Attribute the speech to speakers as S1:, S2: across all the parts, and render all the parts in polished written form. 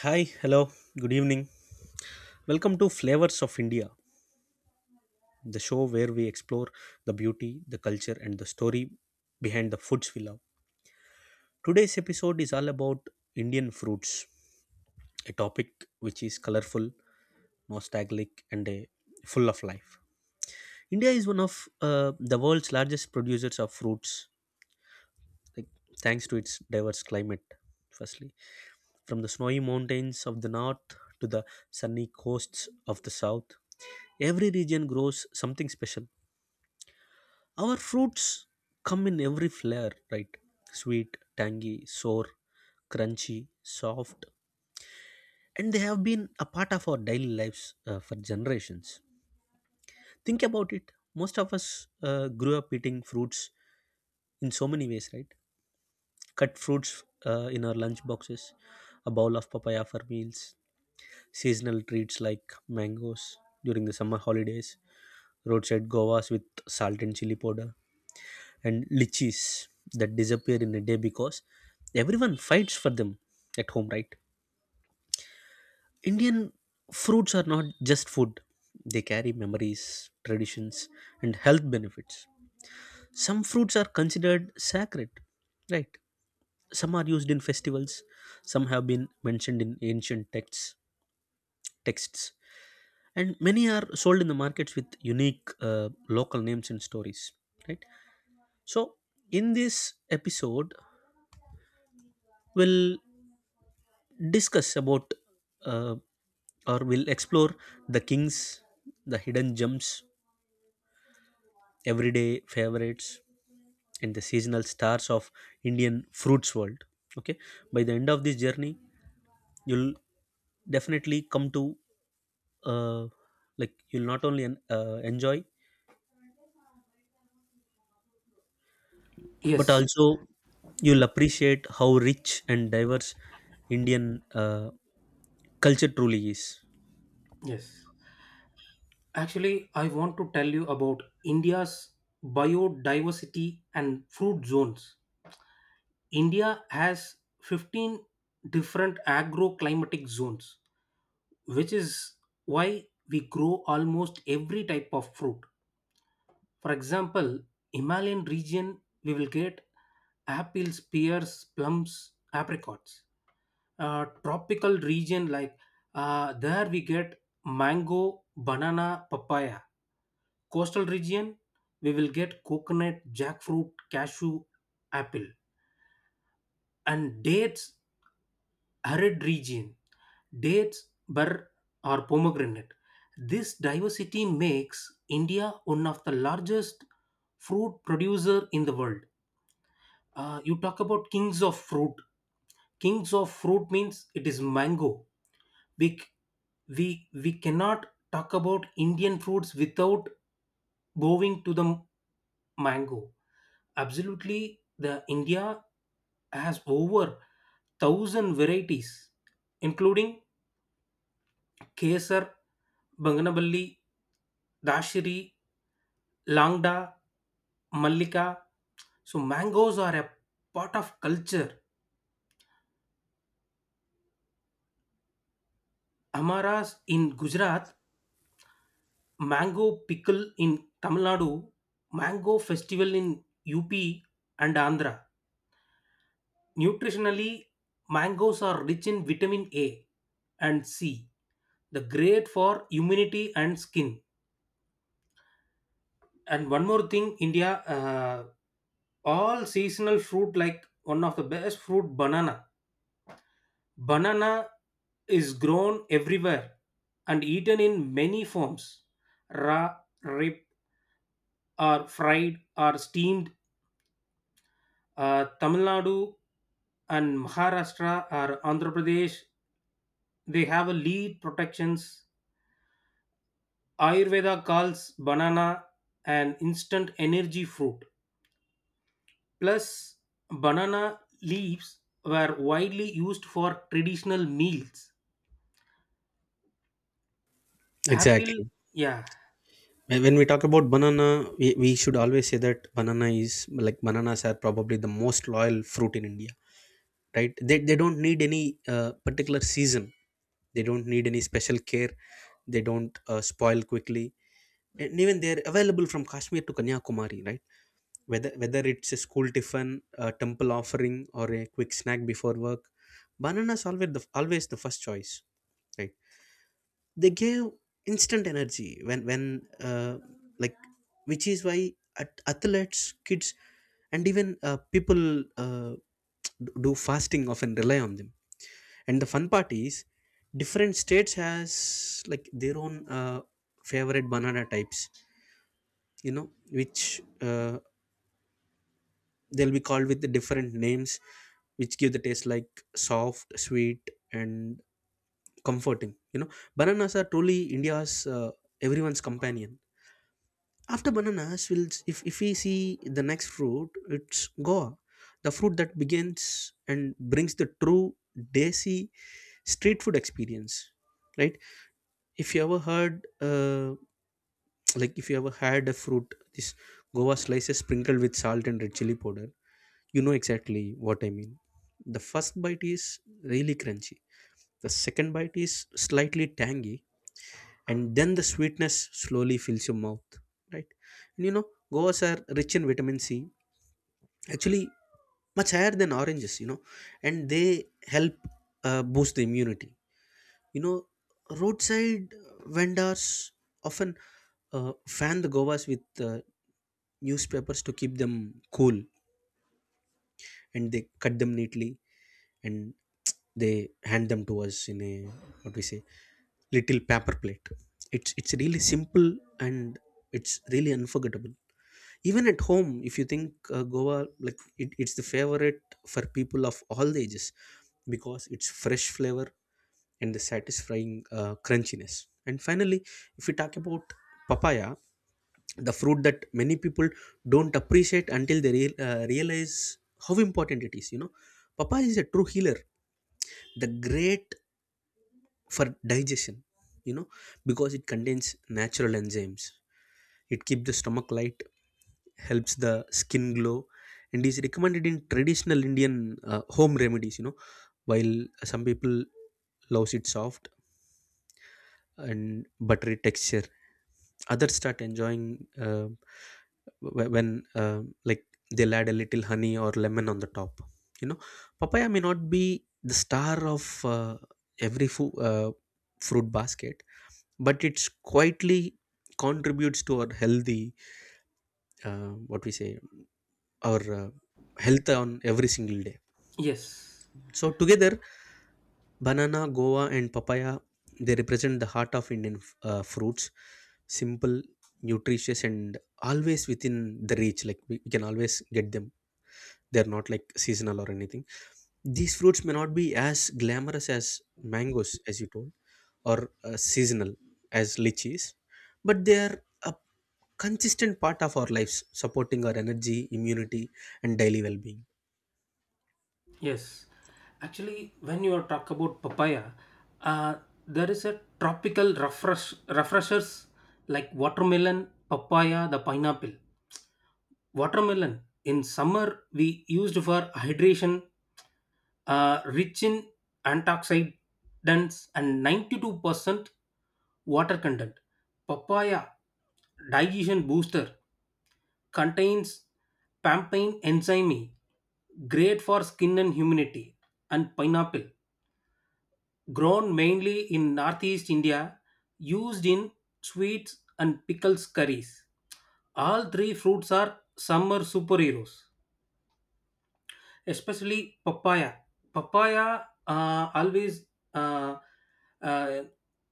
S1: Hi, hello, good evening. Welcome to Flavors of India, the show where we explore the beauty, the culture, and the story behind the foods we love. Today's episode is all about Indian fruits, a topic which is colorful, nostalgic, and full of life. India is one of the world's largest producers of fruits, like thanks to its diverse climate firstly from the snowy mountains of the north to the sunny coasts of the south, every region grows something special. Our fruits come in every flavor, right? Sweet, tangy, sour, crunchy, soft, and they have been a part of our daily lives for generations. Think about it, most of us grew up eating fruits in so many ways, right? Cut fruits in our lunch boxes, a bowl of papaya for meals, seasonal treats like mangoes during the summer holidays, roadside govas with salt and chili powder, and lichis that disappear in a day because everyone fights for them at home, right? Indian fruits are not just food, they carry memories, traditions, and health benefits. Some fruits are considered sacred, right? Some are used in festivals, some have been mentioned in ancient texts, texts, and many are sold in the markets with unique local names and stories. Right. So, in this episode, we'll discuss about uh, or we'll explore the kings, the hidden gems, everyday favorites, and the seasonal stars of Indian fruits world. Okay. By the end of this journey, you'll definitely come to uh, like you'll not only enjoy but
S2: Yes,
S1: also you'll appreciate how rich and diverse indian uh, culture truly is.
S2: yes. Actually, I want to tell you about India's biodiversity and fruit zones. India has 15 different agroclimatic zones, which is why we grow almost every type of fruit. For example, Himalayan region, we will get apples, pears, plums, apricots. Tropical region like there we get mango, banana, papaya, coastal region we will get coconut, jackfruit, cashew apple, and dates, arid region dates, bur, or pomegranate. This diversity makes india one of the largest fruit producer in the world. You talk about kings of fruit, kings of fruit means it is mango. We c- we we cannot talk about indian fruits without going to the mango. Absolutely, the India has over thousand varieties, including Kesar, Banganaballi, Dashiri, Langda, Mallika. So mangoes are a part of culture. Amaras in Gujarat, mango pickle in Tamil Nadu, mango festival in UP and Andhra. Nutritionally, mangoes are rich in vitamin A and C, the great for immunity and skin. And one more thing, india, all seasonal fruit like one of the best fruit banana, banana is grown everywhere and eaten in many forms, raw, rip, or fried, or steamed. Tamil nadu and maharashtra or andhra pradesh, they have a lead protections. Ayurveda calls banana an instant energy fruit. Plus, banana leaves were widely used for traditional meals. Apple,
S1: Exactly.
S2: yeah,
S1: When we talk about banana, we should always say that banana is like bananas are probably the most loyal fruit in India, right? They don't need any particular season, they don't need any special care, they don't spoil quickly. And even they're available from Kashmir to Kanyakumari, right? Whether it's a school tiffin, a temple offering, or a quick snack before work, bananas always the first choice, right? They gave instant energy when uh, like which is why at athletes, kids, and even people uh, do fasting often rely on them. And the fun part is different states has like their own favorite banana types, you know, which they'll be called with the different names, which give the taste like soft, sweet, and comforting, you know. Bananas are truly india's everyone's companion. After bananas, we'll if we see the next fruit, it's goa, the fruit that begins and brings the true desi street food experience, right? If you ever heard uh, like if you ever had a fruit, this goa slices sprinkled with salt and red chili powder, you know exactly what I mean. The first bite is really crunchy, the second bite is slightly tangy, and then the sweetness slowly fills your mouth, right? And you know, goas are rich in vitamin C, actually, much higher than oranges, you know, and they help boost the immunity. You know, roadside vendors often fan the govas with uh, newspapers to keep them cool, and they cut them neatly and they hand them to us in a, what we say, little paper plate. It's really simple, and it's really unforgettable. Even at home, if you think goa, like it's the favorite for people of all the ages because it's fresh flavor and the satisfying crunchiness. And finally, if we talk about papaya, the fruit that many people don't appreciate until they realize how important it is. You know, papaya is a true healer, the great for digestion, you know, because it contains natural enzymes. It keeps the stomach light, helps the skin glow, and is recommended in traditional indian home remedies, you know. While some people loves it soft and buttery texture, others start enjoying wh- when like they'll add a little honey or lemon on the top, you know. Papaya may not be the star of every fruit basket, but it's quietly contributes to our healthy, what we say, our health on every single day.
S2: yes,
S1: So together, banana, guava, and papaya, they represent the heart of Indian fruits. Simple, nutritious, and always within the reach. Like we can always get them. They're not like seasonal or anything. These fruits may not be as glamorous as mangoes, as you told, or seasonal as lychees, but they are a consistent part of our lives, supporting our energy, immunity, and daily well-being.
S2: yes. Actually, when you are talk about papaya, uh, there is a tropical refresh refreshers like watermelon, papaya, the pineapple. Watermelon in summer we used for hydration, rich in antioxidants and 92% water content. Papaya digestion booster contains pampain enzyme, E, great for skin and immunity. And pineapple, grown mainly in northeast India, used in sweets and pickles curries. All three fruits are summer superheroes, especially papaya. Papaya always uh, uh,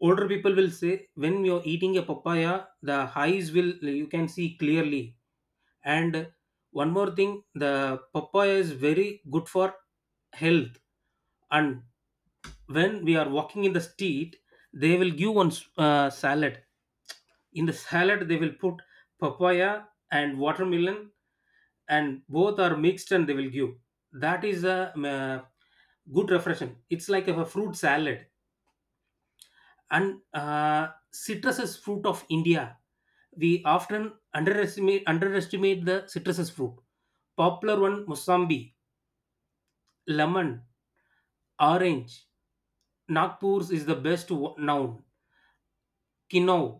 S2: older people will say when you're eating a papaya, the eyes will you can see clearly. And one more thing, the papaya is very good for health. And when we are walking in the street, they will give one salad. In the salad, they will put papaya and watermelon, and both are mixed, and they will give. That is a good refreshing. It's like a fruit salad. And citrus is fruit of india, we often underestimate the citrus fruit, popular one mosambi, lemon, orange. Nagpur's is the best known, quinoa,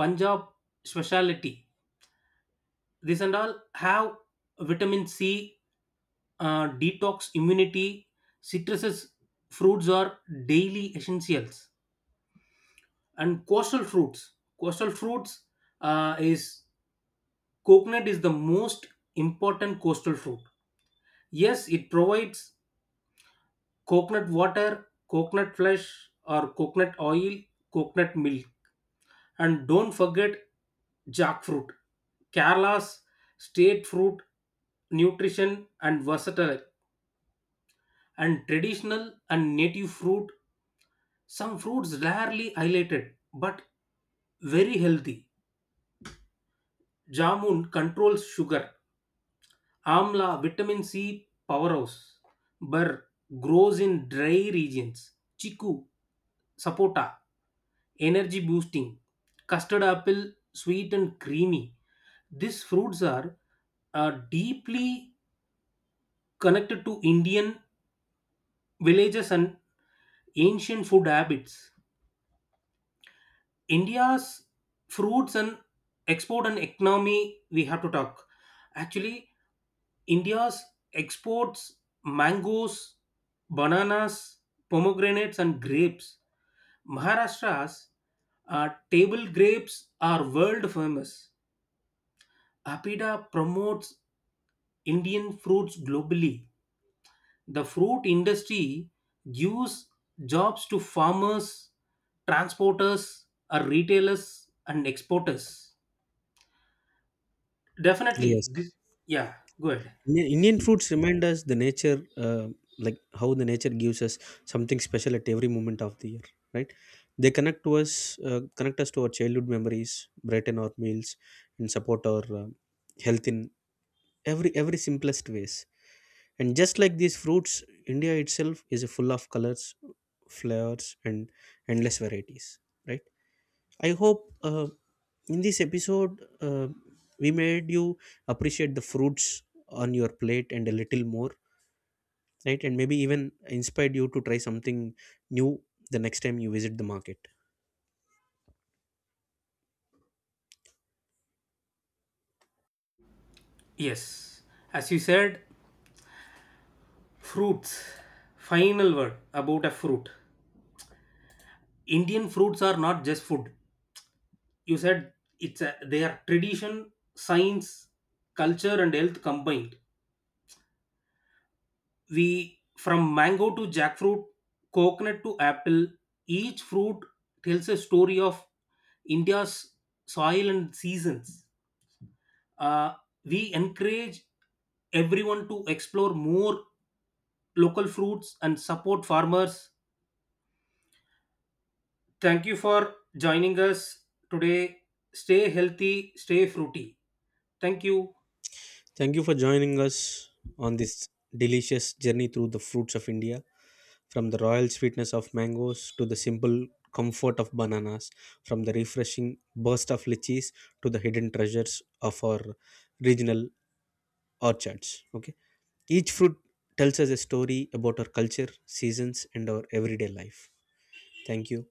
S2: punjab speciality. This and all have vitamin C, detox immunity. Citruses fruits are daily essentials. And coastal fruits is coconut is the most important coastal fruit. Yes, it provides coconut water, coconut flesh, or coconut oil, coconut milk. And don't forget jackfruit, Kerala's state fruit, nutrition and versatile, and traditional and native fruit. Some fruits rarely highlighted but very healthy. Jamun controls sugar, Amla, vitamin C powerhouse. Burr grows in dry regions. Chiku, sapota, energy boosting. Custard apple, sweet and creamy. These fruits are deeply connected to Indian villages and ancient food habits. India's fruits and export and economy, we have to talk. Actually, India's exports mangoes, bananas, pomegranates, and grapes. Maharashtra's table grapes are world famous. Apida promotes Indian fruits globally. The fruit industry gives jobs to farmers, transporters, or retailers and exporters.
S1: Yes.
S2: Definitely, this yeah, good.
S1: Indian foods remind us the nature, like how the nature gives us something special at every moment of the year, right? They connect to us, connect us to our childhood memories, brighten our meals, and support our health in every simplest ways. And just like these fruits, India itself is full of colors, flavors, and endless varieties, right? I hope in this episode we made you appreciate the fruits on your plate and a little more, right? And maybe even inspired you to try something new the next time you visit the market.
S2: Yes, as you said, fruits. Final word about a fruit. Indian fruits are not just food. You said it's a, they are tradition, science, culture, and health combined. We from mango to jackfruit, coconut to apple, each fruit tells a story of India's soil and seasons. Uh, we encourage everyone to explore more local fruits and support farmers. Thank you for joining us today. Stay healthy, stay fruity. Thank you.
S1: Thank you for joining us on this delicious journey through the fruits of India, from the royal sweetness of mangoes to the simple comfort of bananas, from the refreshing burst of lychees to the hidden treasures of our regional orchards. Okay. Each fruit tells us a story about our culture, seasons, and our everyday life. Thank you.